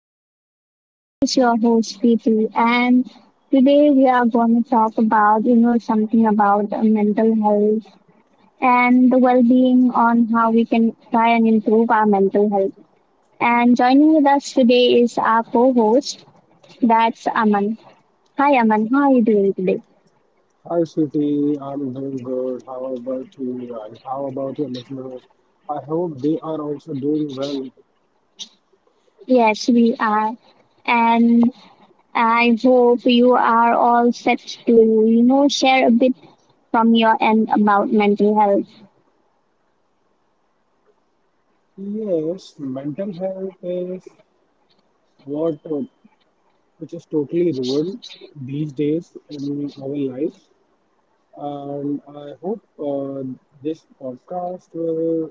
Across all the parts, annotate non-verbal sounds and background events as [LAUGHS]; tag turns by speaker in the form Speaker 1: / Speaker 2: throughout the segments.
Speaker 1: podcast. This is your host, Preeti, and today we are going to talk about, something about mental health and the well-being on how we can try and improve our mental health. And joining with us today is our co-host, that's Aman. Hi, Aman. How are you doing today?
Speaker 2: Hi, Sweetie. I'm doing good. How about you? And how about your listeners? I hope they are also doing well.
Speaker 1: Yes, we are. And I hope you are all set to, share a bit from your end about mental health.
Speaker 2: Yes, mental health is what which is totally ruined these days in our lives, and I hope this podcast will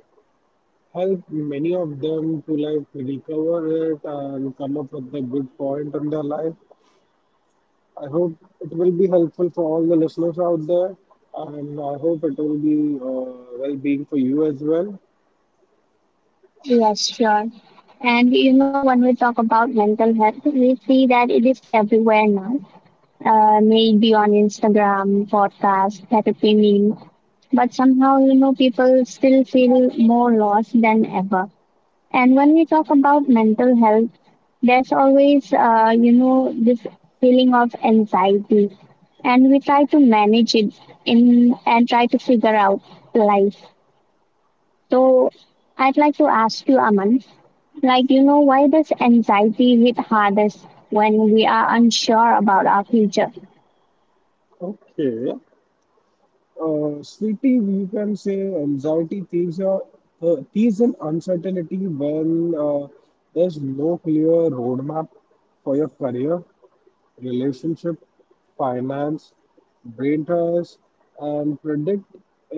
Speaker 2: help many of them to like recover it and come up with a good point in their life. I hope it will be helpful for all the listeners out there, and I hope it will be well-being for you as well.
Speaker 1: Yes, sure. And you know, when we talk about mental health, we see that it is everywhere now. Maybe on Instagram, podcast, therapy meme, but somehow you know people still feel more lost than ever. And when we talk about mental health, there's always you know this feeling of anxiety, and we try to manage it in and try to figure out life. So I'd like to ask you, Aman, like, you know, why does anxiety hit hardest when we are unsure about our future?
Speaker 2: Okay. Sweetie, you can say anxiety thieves are thieves in uncertainty when there's no clear roadmap for your career, relationship, finance, brain ties, and predict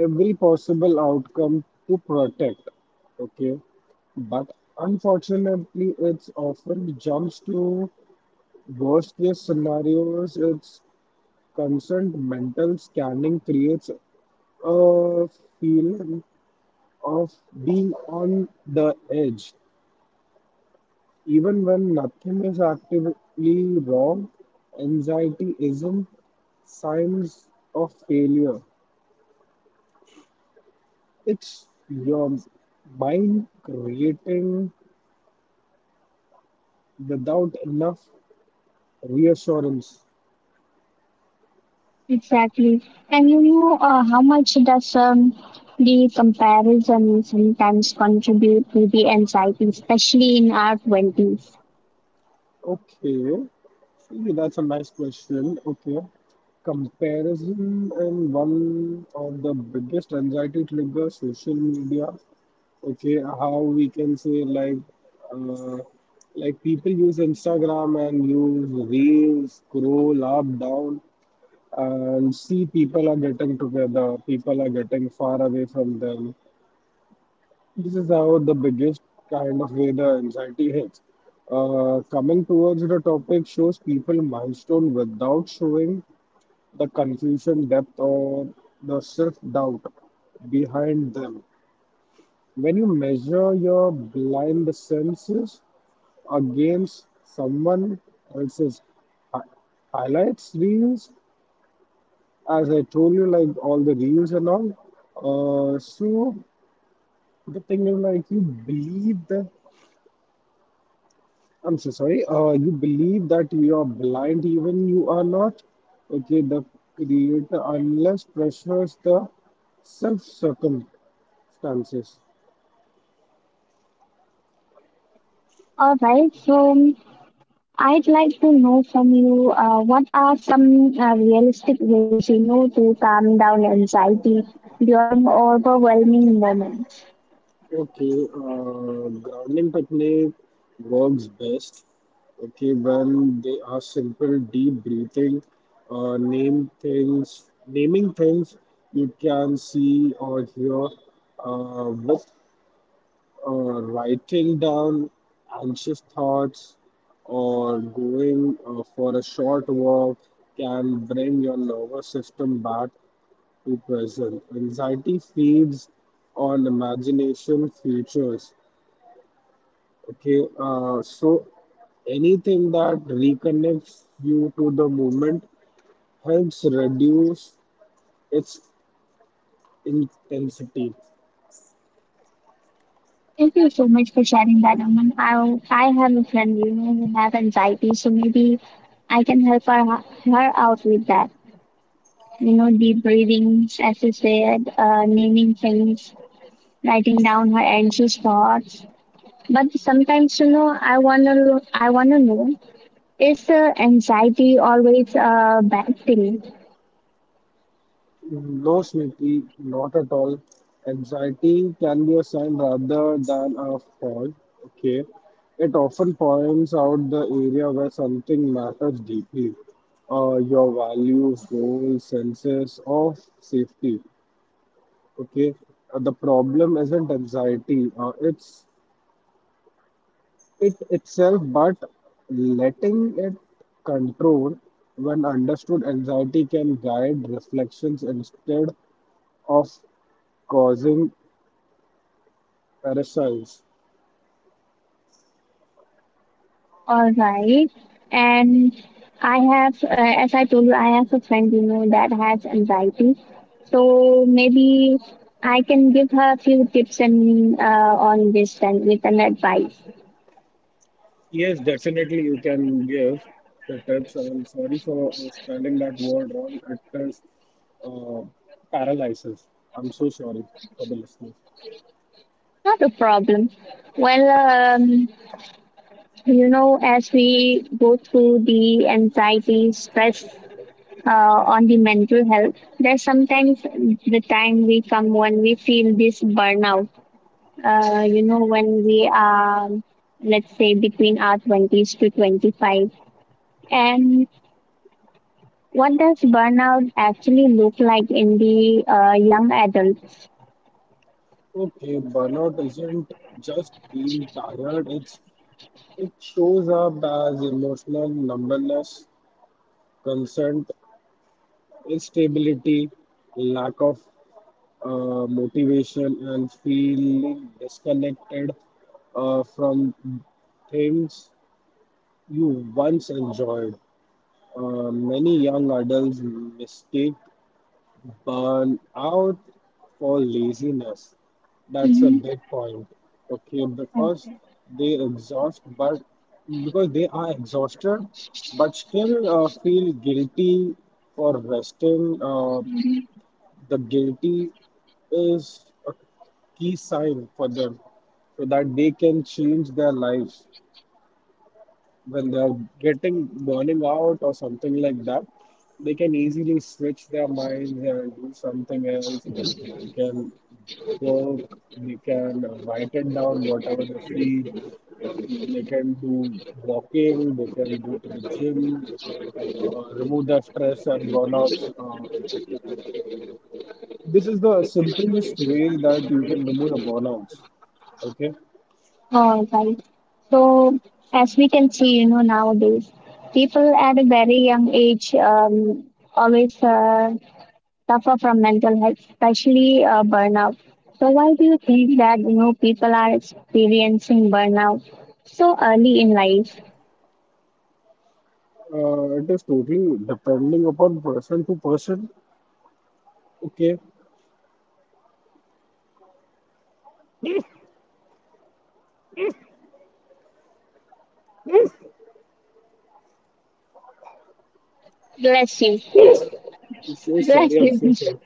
Speaker 2: every possible outcome to protect. Okay, but unfortunately, it's often jumps to worst case scenarios. It's constant mental scanning creates a feeling of being on the edge. Even when nothing is actively wrong, anxiety isn't signs of failure. It's your mind creating without enough reassurance.
Speaker 1: Exactly. And you know, how much does the comparison sometimes contribute to the anxiety, especially in our 20s?
Speaker 2: Okay, see, that's a nice question. Okay, comparison is one of the biggest anxiety triggers social media. Okay, how we can say, like, uh, like people use Instagram and use reels, scroll up down, and see people are getting together, people are getting far away from them. This is how the biggest kind of way the anxiety hits. Coming towards the topic, shows people milestone without showing the confusion depth or the self doubt behind them. When you measure your blind senses against someone else's hi- highlights reels, as I told you, like all the reels and all. So the thing is, like, you believe that I'm so sorry. You believe that you are blind, even you are not. Okay, the creator unless pressures the self circumstances.
Speaker 1: All right, so I'd like to know from you what are some realistic ways you know to calm down anxiety during overwhelming moments?
Speaker 2: Okay, grounding technique works best. Okay, when they are simple, deep breathing, naming things you can see or hear, with writing down anxious thoughts or going for a short walk can bring your nervous system back to present. Anxiety feeds on imagination futures. Okay, so anything that reconnects you to the movement helps reduce its intensity.
Speaker 1: Thank you so much for sharing that, Aman. I have a friend, you know, who have anxiety, so maybe I can help her out with that. You know, deep breathing, as you said, naming things, writing down her anxious thoughts. But sometimes, you know, I wanna know, is anxiety always a bad thing?
Speaker 2: No, Smriti, not at all. Anxiety can be a sign rather than a fault. Okay, it often points out the area where something matters deeply. Your values, goals, senses of safety. Okay, the problem isn't anxiety. It's it itself, but letting it control, when understood, anxiety can guide reflections instead of causing parasites.
Speaker 1: All right. And I have, as I told you, I have a friend, you know, that has anxiety. So maybe I can give her a few tips and on this and with an advice.
Speaker 2: Yes, definitely you can give the tips. I'm sorry for spelling that word wrong. It is uh, paralysis. I'm so sorry for the listeners.
Speaker 1: Not a problem. Well, um, you know, as we go through the anxiety, stress uh, on the mental health, there's sometimes the time we come when we feel this burnout you know, when we are, let's say, between our 20s to 25. And what does burnout actually look like in the young adults?
Speaker 2: Okay, burnout isn't just being tired, it shows up as emotional numbness, consent instability, lack of motivation, and feeling disconnected from things you once enjoyed. Many young adults mistake burnout for laziness. That's a
Speaker 1: Mm-hmm.
Speaker 2: big point. Okay,
Speaker 1: Oh,
Speaker 2: because they exhaust, but because they are exhausted, but still feel guilty for resting. The guilty is a key sign for them so that they can change their lives when they're getting burning out or something like that. They can easily switch their minds and do something else. They can work, they can write it down whatever they feel. They can do walking, they can go to the gym, remove their stress and burnouts. This is the simplest way that you can remove the burnouts. Okay.
Speaker 1: all right. So, as we can see, you know, nowadays, people at a very young age always suffer from mental health, especially burnout. So, why do you think that, you know, people are experiencing burnout so early in life?
Speaker 2: It is totally depending upon person to person. Okay. I'm
Speaker 1: Bless you.
Speaker 2: so
Speaker 1: Bless
Speaker 2: sorry. I'm
Speaker 1: you.
Speaker 2: so sorry.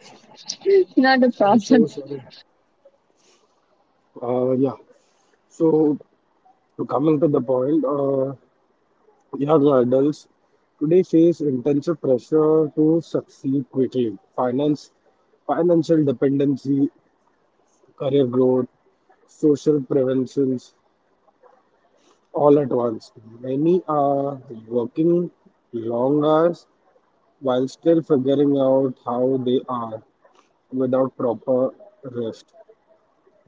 Speaker 1: [LAUGHS] Not a
Speaker 2: I'm
Speaker 1: problem.
Speaker 2: so sorry. Uh, yeah. So coming to the point, young adults today face intensive pressure to succeed quickly. Financial dependency, career growth, social preventions, all at once. Many are working long hours while still figuring out how they are without proper rest,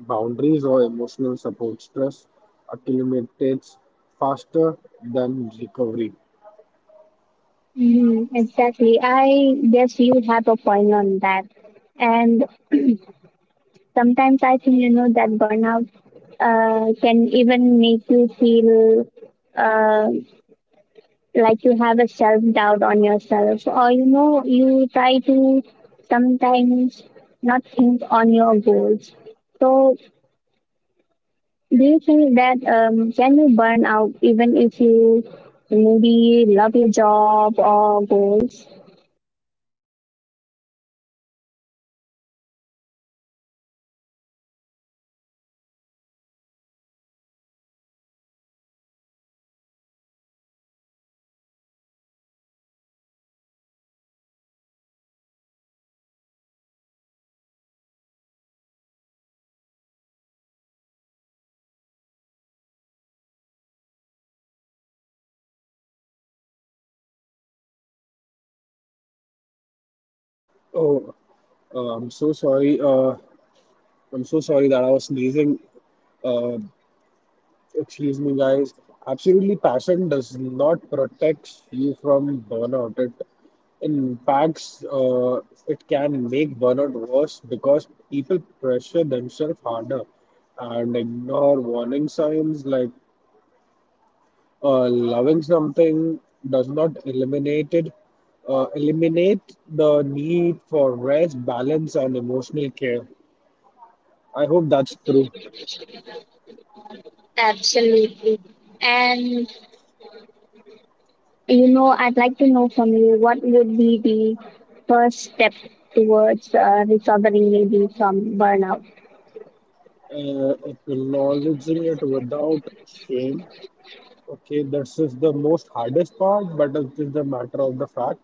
Speaker 2: boundaries, or emotional support. Stress accumulates faster than recovery.
Speaker 1: Mhm, exactly. I guess you have a point on that. And sometimes I think, you know, that burnout can even make you feel uh, like you have a self doubt on yourself. Or, you know, you try to sometimes not think on your goals. So do you think that can you burn out even if you maybe love your job or goals?
Speaker 2: Oh, I'm so sorry. I'm so sorry that I was sneezing. Uh, Excuse me, guys. Absolutely, passion does not protect you from burnout. Impacts, uh, it can make burnout worse because people pressure themselves harder and ignore warning signs like loving something does not eliminate it, eliminate the need for rest, balance, and emotional care. I hope that's true.
Speaker 1: Absolutely. And you know, I'd like to know from you what would be the first step towards recovering maybe from burnout.
Speaker 2: Acknowledging it without shame. Okay, this is the most hardest part, but it is the matter of the fact,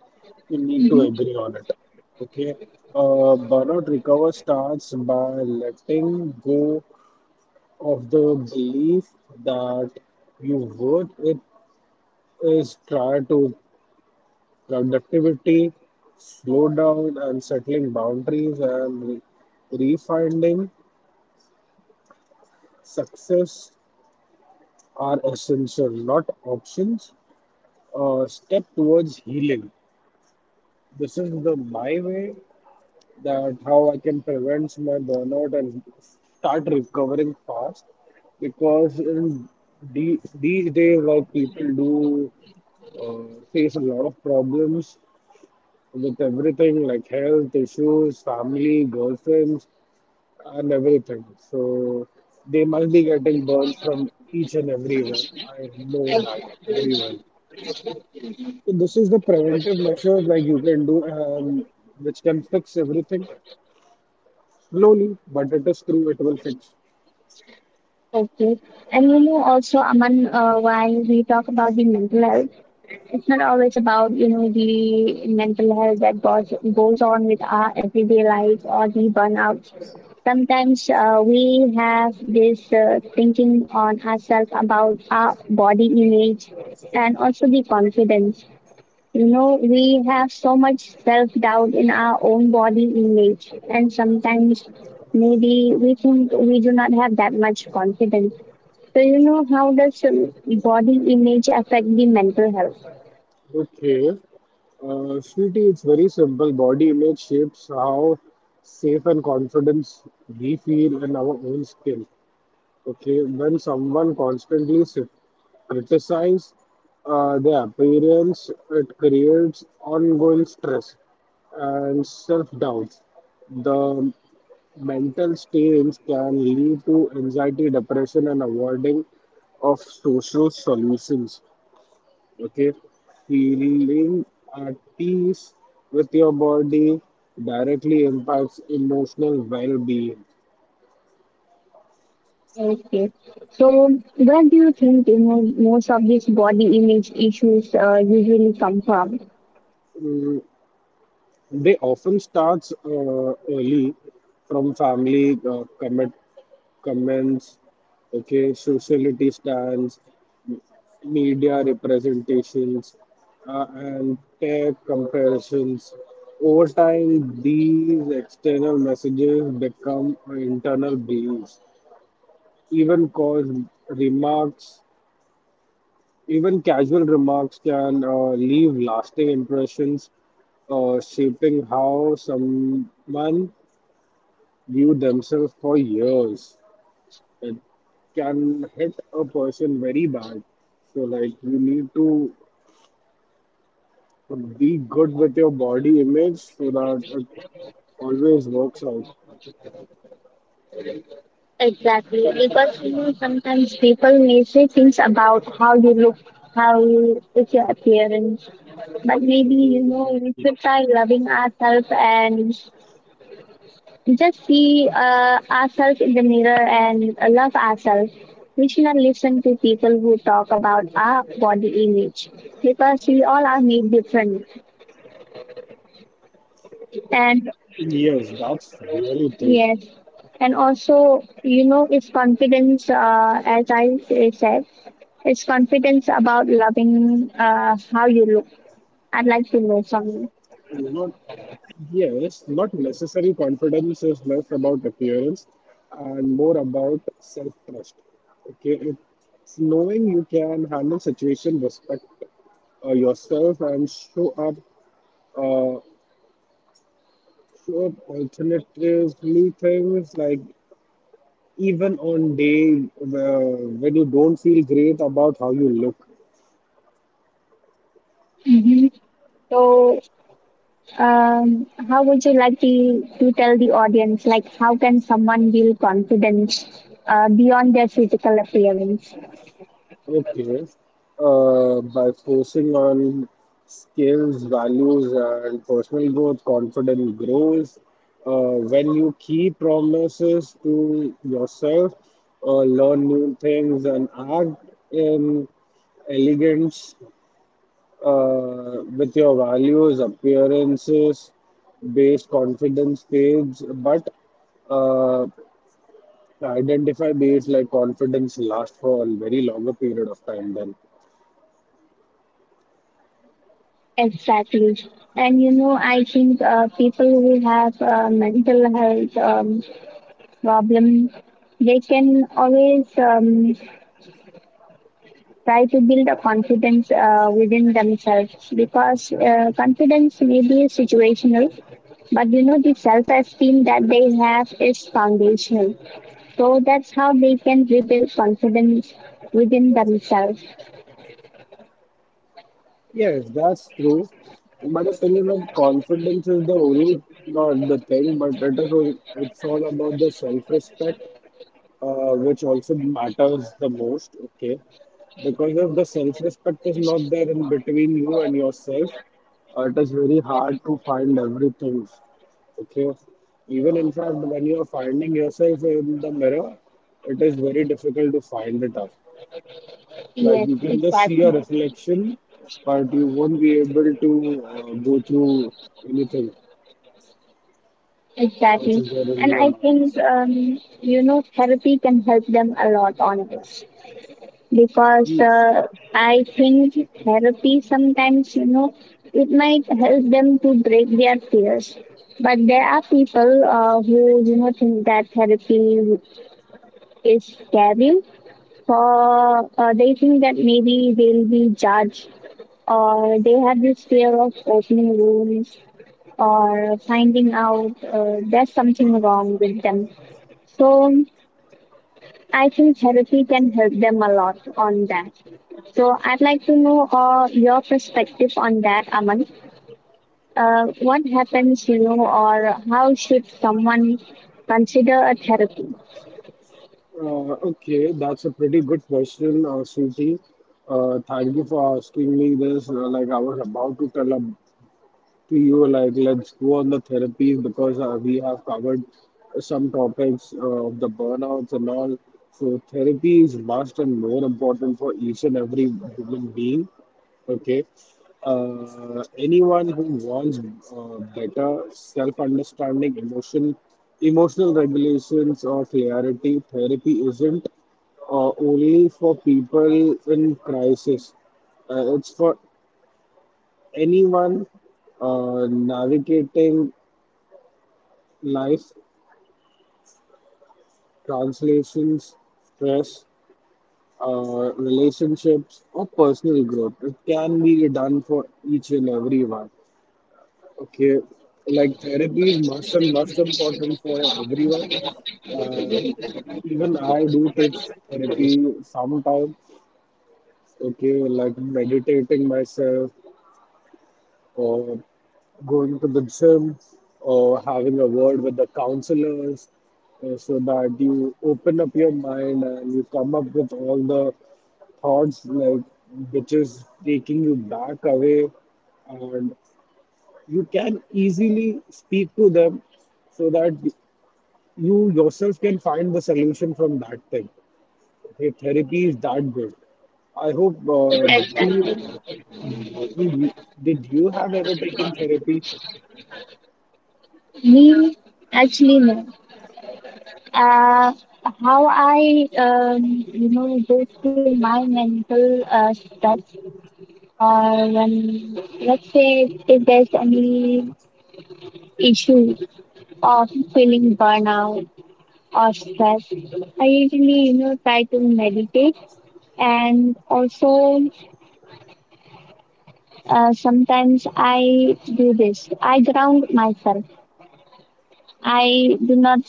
Speaker 2: you need to
Speaker 1: Mhm.
Speaker 2: agree on it. Okay, burnout recover starts by letting go of the belief that you worth it is try to productivity, slow down and settling boundaries and refining success are essential, not options. Step towards healing. This is the my way that how I can prevent my burnout and start recovering fast. Because in these days, like people do face a lot of problems with everything like health issues, family, girlfriends, and everything. So they must be getting burns from each and everywhere. I know that very well. So this is the preventive measures like you can do, which can fix everything. Slowly, but it is true, it will fix.
Speaker 1: Okay. And you know, also, Aman, while we talk about the mental health, it's not always about you know the mental health that goes on with our everyday life or the burnout. Sometimes we have this thinking on ourselves about our body image and also the confidence. You know, we have so much self doubt in our own body image, and sometimes maybe we think we do not have that much confidence. So, you know, how does body image affect the mental health?
Speaker 2: Okay. Sweetie, it's very simple. Body image shapes how safe and confidence we feel in our own skin. Okay. When someone constantly criticize their appearance, it creates ongoing stress and self doubt. The mental strains can lead to anxiety, depression, and avoiding of social solutions. Okay, feeling at peace with your body directly impacts emotional well-being.
Speaker 1: Okay. So, where do you think you know most of these body image issues usually come from?
Speaker 2: Mm, they often starts early from family commit comments, okay, sociality stands, media representations, and tech comparisons. Over time these external messages become internal beliefs. Even cause remarks, even casual remarks can leave lasting impressions, shaping how someone view themselves for years. It can hit a person very bad. So, like, you need to be good with your body image so that it always works out.
Speaker 1: Exactly, because you know sometimes people may say things about how you look, how you, it's your appearance, but
Speaker 2: Mm.
Speaker 1: maybe you know we should try loving ourselves and just see ourselves in the mirror and love ourselves. We should not listen to people who talk about our body image because we all are made different.
Speaker 2: Yes,
Speaker 1: And
Speaker 2: that's really true.
Speaker 1: yes, and also, you know, it's confidence, as I said, it's confidence about loving how you look. I'd like to
Speaker 2: You
Speaker 1: know
Speaker 2: know,
Speaker 1: from
Speaker 2: yes, not necessary confidence is less about appearance and more about self-trust. Okay, it's knowing you can handle situation, respect yourself, and uh, show up alternatively things like even on day where, when you don't feel great about how you look.
Speaker 1: you. So, how would you like to tell the audience, like, how can someone build confidence beyond their physical appearance?
Speaker 2: Okay. By focusing on skills, values, and personal growth, confidence grows. When you keep promises to yourself, learn new things, and act in elegance with your values, appearances, based confidence page, but uh, identify base like confidence lasts for a very longer period of time then.
Speaker 1: Exactly. And you know, I think people who have mental health problem, they can always try to build a confidence within themselves because confidence may be situational but you know the self esteem that they have is foundational, so that's how they can rebuild confidence within themselves.
Speaker 2: Yes, that's true. But the thing is, like, confidence is the only not the thing, but it's all about the self-respect, which also matters the most. Okay, because if the self-respect is not there in between you and yourself, it is very hard to find everything. Okay, even in fact, when you are finding yourself in the mirror, it is very difficult to find it out. Like
Speaker 1: Yes,
Speaker 2: you can just see a
Speaker 1: exactly,
Speaker 2: reflection, but you won't be able to go through anything
Speaker 1: exactly.
Speaker 2: which is there in
Speaker 1: And
Speaker 2: your
Speaker 1: I think
Speaker 2: minds.
Speaker 1: you know therapy can help them a lot on this because
Speaker 2: Mm.
Speaker 1: I think therapy sometimes, you know, it might help them to break their fears. But there are people who, you know, think that therapy is scary. For they think that maybe they'll be judged, or they have this fear of opening wounds, or finding out there's something wrong with them. So I think therapy can help them a lot on that. So I'd like to know your perspective on that, Aman. What happens, you know, or how should someone consider a therapy?
Speaker 2: Okay, that's a pretty good question, Sruti. Thank you for asking me this. Like I was about to tell a so you were like, let's go on the therapies because we have covered some topics of the burnouts and all. So therapy is must and more important for each and every human being. Okay. Anyone who wants better self-understanding, emotional regulations, or clarity, therapy isn't only for people in crisis. It's for anyone navigating life, translations, stress, relationships, or personal growth. It can be done for each and everyone. Okay, like therapy is must and must important for everyone. Um, even I do take therapy sometimes. Okay, like meditating myself or going to the gym or having a word with the counselors so that you open up your mind and you come up with all the thoughts like which is taking you back away, and you can easily speak to them, so that you yourself can find the solution from that thing. Okay, therapy is that good. I hope do you, do you did you have ever taken therapy?
Speaker 1: Me, actually, no. Uh, how I, you know, go through my mental stress, or when, let's say, if there's any issue of feeling burnout or stress. I usually, you know, try to meditate and also sometimes I do this. I ground myself. I do not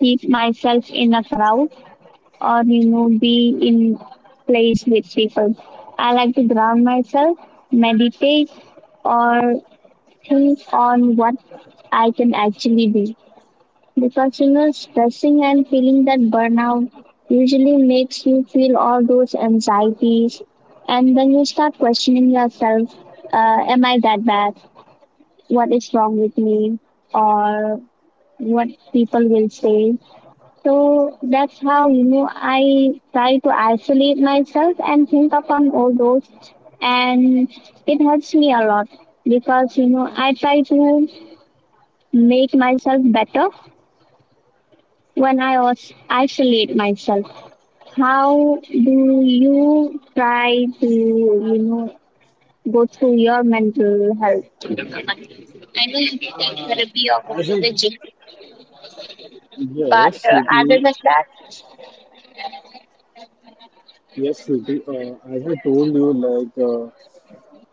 Speaker 1: keep myself in a crowd or, you know, be in place with people. I like to ground myself, meditate or think on what I can actually do. Because you know stressing and feeling that burnout usually makes you feel all those anxieties, and then you start questioning yourself. Am I that bad? What is wrong with me? Or what people will say? So that's how you know I try to isolate myself and think upon all those, and it helps me a lot because you know I try to make myself better when I was isolate myself. How do you try to, you know, go through your mental health?
Speaker 2: Uh, as I Yes, sweetie, yes, sweetie. As I told you, like,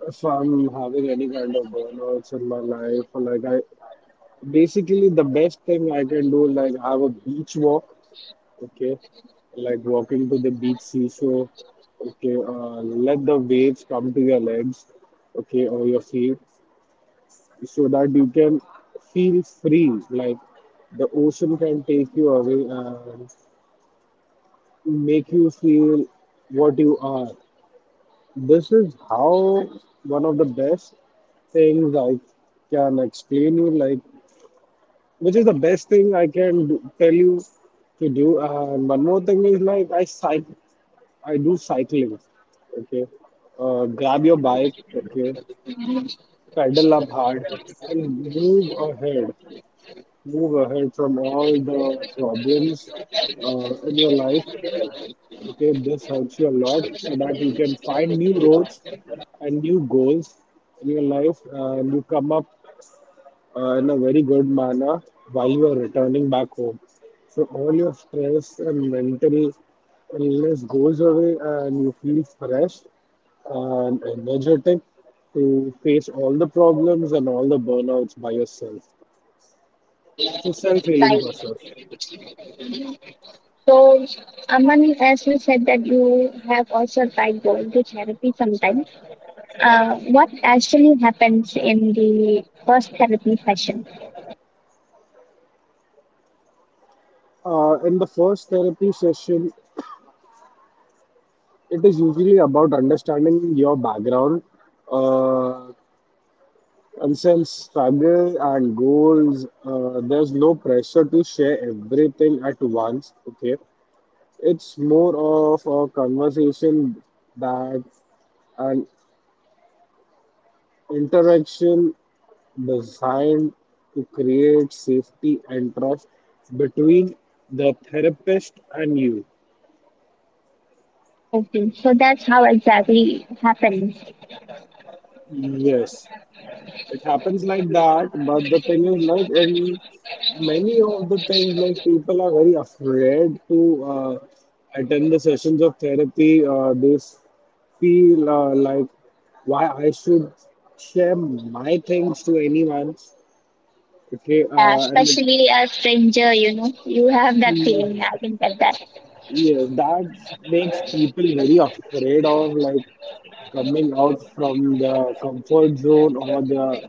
Speaker 2: if I'm having any kind of burnouts in my life, or like I basically the best thing I can do, like have a beach walk. Okay, like walking to the beach seashore. Okay, let the waves come to your legs. Okay, or your feet, so that you can feel free. Like the ocean can take you away, and make you feel what you are. This is how one of the best things I can explain you, like which is the best thing I can do, tell you to do. And one more thing is like I cycle, I do cycling. Okay, grab your bike. Okay, pedal up hard and move ahead. Move ahead from all the problems in your life. Okay, this helps you a lot so that you can find new roads and new goals in your life, and you come up in a very good manner while you are returning back home. So all your stress and mental illness goes away and you feel fresh and energetic to face all the problems and all the burnouts by yourself. It's a self-healing process.
Speaker 1: So, Aman, as you said that you have also tried going to therapy sometimes. What actually happens in the first therapy session?
Speaker 2: In the first therapy session, it is usually about understanding your background, uh, concerns, struggle, and goals. There's no pressure to share everything at once. Okay, it's more of a conversation, that an interaction designed to create safety and trust between the therapist and you.
Speaker 1: Okay, so that's how exactly it happens.
Speaker 2: Yes, it happens like that, but the thing is, like, in many of the things, like, people are very afraid to uh, attend the sessions of therapy. They feel, like, why I should share my things to anyone? Okay.
Speaker 1: Yeah,
Speaker 2: And
Speaker 1: especially a stranger, you know, you have that
Speaker 2: it,
Speaker 1: feeling. I can get that.
Speaker 2: yeah, that makes people very afraid of, like, coming out from the comfort zone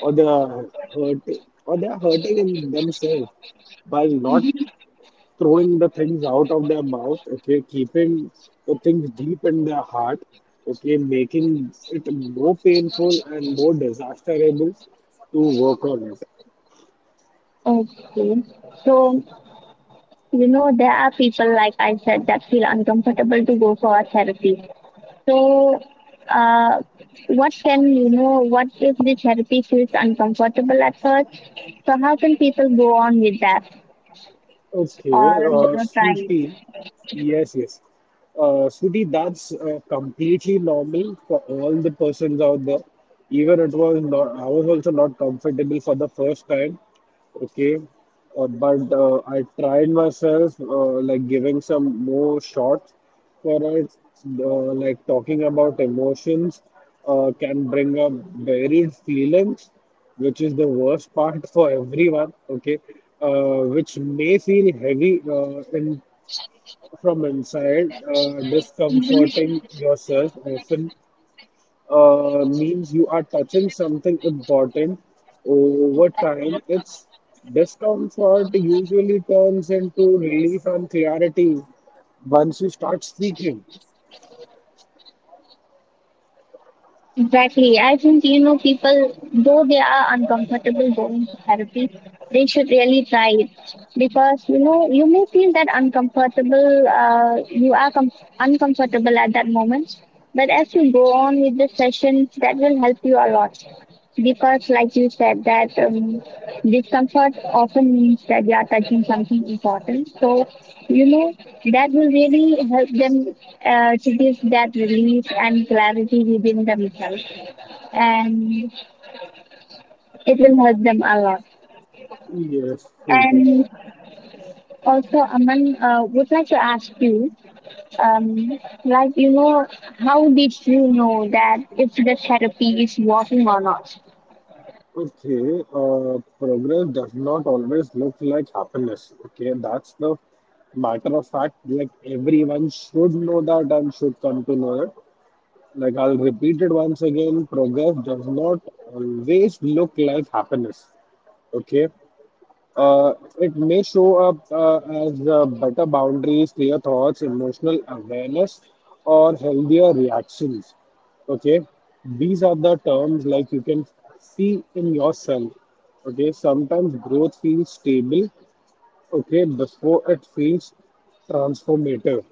Speaker 2: or the hurt, or they are hurting in themselves by not throwing the things out of their mouth. Okay, keeping the things deep in their heart, okay, making it more painful and more disasterable to work on it.
Speaker 1: Okay, so you know, there are people, like I said, that feel uncomfortable to go for therapy. So, uh, what can, you know, what if the therapy feels uncomfortable at first? So, how can people go on with that
Speaker 2: Okay.
Speaker 1: or, you know, try.
Speaker 2: Sweetie, yes, yes, Sudhi, that's completely normal for all the persons out there. Even it was not, I was also not comfortable for the first time. Okay, but I tried myself, like giving some more shots for it. Like, talking about emotions can bring up varied feelings, which is the worst part for everyone. Okay, which may feel heavy in from inside, discomforting yourself often means you are touching something important. Over time, its discomfort usually turns into relief and clarity once you start speaking.
Speaker 1: Exactly. I think, you know, people, though they are uncomfortable going to therapy, they should really try it because, you know, you may feel that uncomfortable, uncomfortable at that moment. But as you go on with the sessions, that will help you a lot. Because, like you said, that discomfort often means that they are touching something important. So, you know, that will really help them to give that relief and clarity within themselves. And it will help them a lot.
Speaker 2: Yes, sweetie.
Speaker 1: And also, Aman, would like to ask you, um, like, you know, how did you know that if the therapy is working or not?
Speaker 2: Okay, progress does not always look like happiness. Okay, that's the matter of fact. Like, everyone should know that and should come to know it. Like, I'll repeat it once again, progress does not always look like happiness. Okay. Uh, it may show up as better boundaries, clear thoughts, emotional awareness, or healthier reactions. Okay, these are the terms, like, you can see in yourself. Okay, sometimes growth feels stable, okay, before it feels transformative.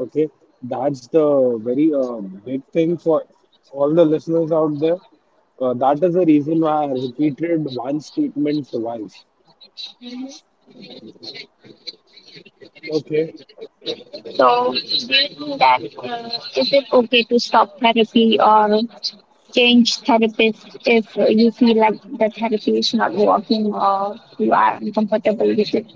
Speaker 2: Okay, that's the very big thing for all the listeners out there. That is the reason why I repeated one statement twice. Okay.
Speaker 1: So, do you that is it okay to stop therapy or change therapist if you feel like the therapy is not working or you are uncomfortable with it?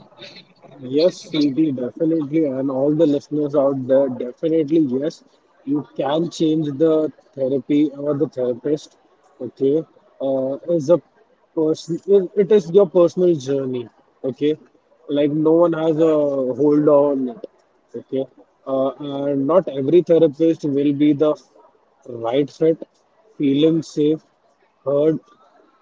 Speaker 2: Yes, Sweetie, definitely, and all the listeners out there, definitely, yes, you can change the therapy or the therapist. Okay, is a person. It is your personal journey. Okay, like, no one has a hold on it. Okay, and not every therapist will be the right fit, feeling safe, heard,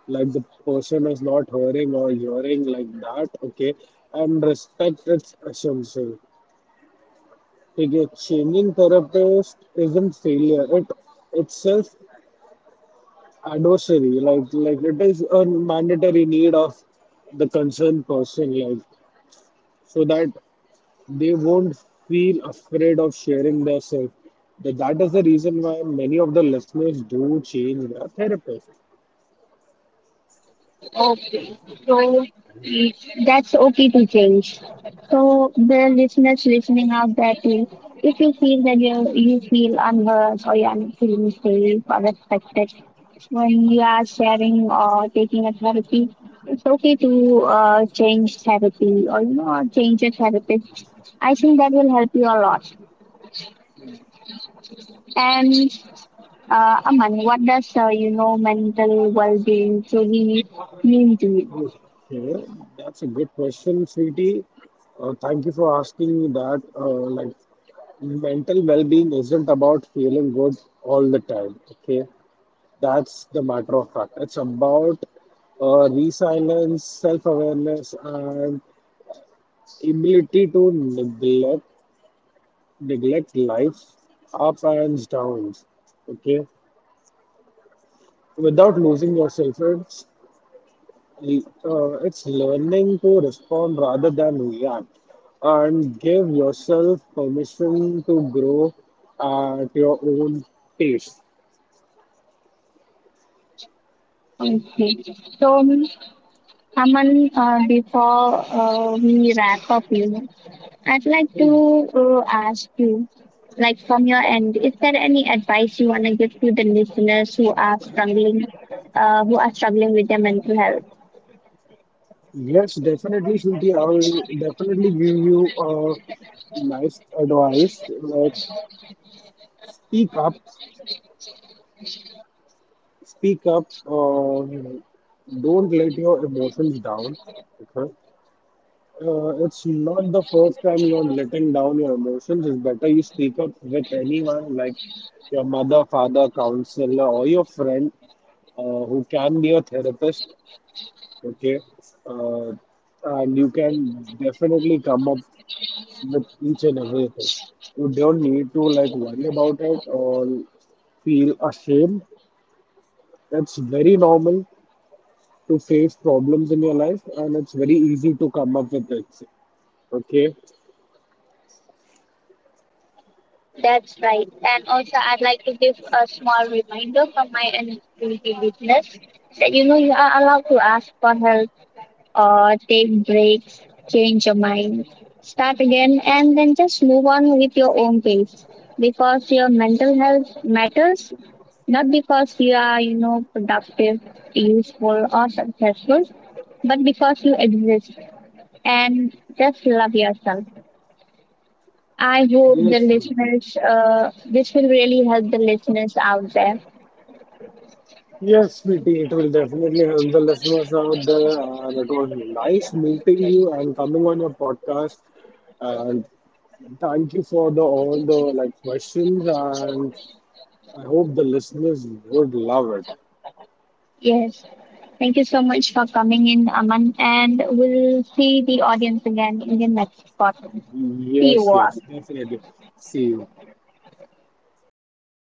Speaker 2: like the person is not hearing or hearing like that. Okay, and respect, its essential. Okay, changing therapist isn't failure, it itself adversary, like it is a mandatory need of the concerned person, like, so that they won't feel afraid of sharing their self. That is the reason why many of the listeners do change their therapist.
Speaker 1: Okay, so mm, that's okay to change. So the listeners listening out there too, if you feel that you feel unheard or you're not feeling safe or respected when you are sharing or taking a therapy, it's okay to change therapy or you know change a therapist. I think that will help you a lot. And Aman, what does you know mental well-being truly mean to you?
Speaker 2: Okay, that's a good question, sweetie. Thank you for asking me that. Like, mental well-being isn't about feeling good all the time. Okay, that's the matter of fact. It's about resilience, self-awareness, and ability to neglect life up and downs. Okay, without losing yourself. It's learning to respond rather than react and give yourself permission to grow at your own pace.
Speaker 1: Okay. So Aman, before we wrap up, you know, I'd like to ask you, like from your end, is there any advice you want to give to the listeners who are struggling with their mental health?
Speaker 2: Yes, definitely, Sweetie, I will definitely give you a nice advice. Like, speak up, speak up, don't let your emotions down. Okay. It's not the first time you're letting down your emotions. It's better you speak up with anyone, like your mother, father, counselor, or your friend, who can be a therapist. Okay, uh, and you can definitely come up with each and everything. You don't need to, like, worry about it or feel ashamed. It's very normal to face problems in your life, and it's very easy to come up with it. Okay.
Speaker 1: That's right. And also, I'd like to give a small reminder from my end to the listeners that you know you are allowed to ask for help, take breaks, change your mind, start again, and then just move on with your own pace, because your mental health matters, not because you are, you know, productive, useful, or successful, but because you exist and just love yourself. I hope the
Speaker 2: Yes.
Speaker 1: listeners, this will really help the listeners out there.
Speaker 2: Yes, sweetie, it will definitely help the listeners out there. And it was nice meeting you and coming on your podcast. And thank you for the all the, like, questions. And I hope the listeners would love it.
Speaker 1: Yes. Thank you so much for coming in, Aman. And we'll see the audience again in the next podcast. See you
Speaker 2: Yes,
Speaker 1: all.
Speaker 2: yes, definitely. See you.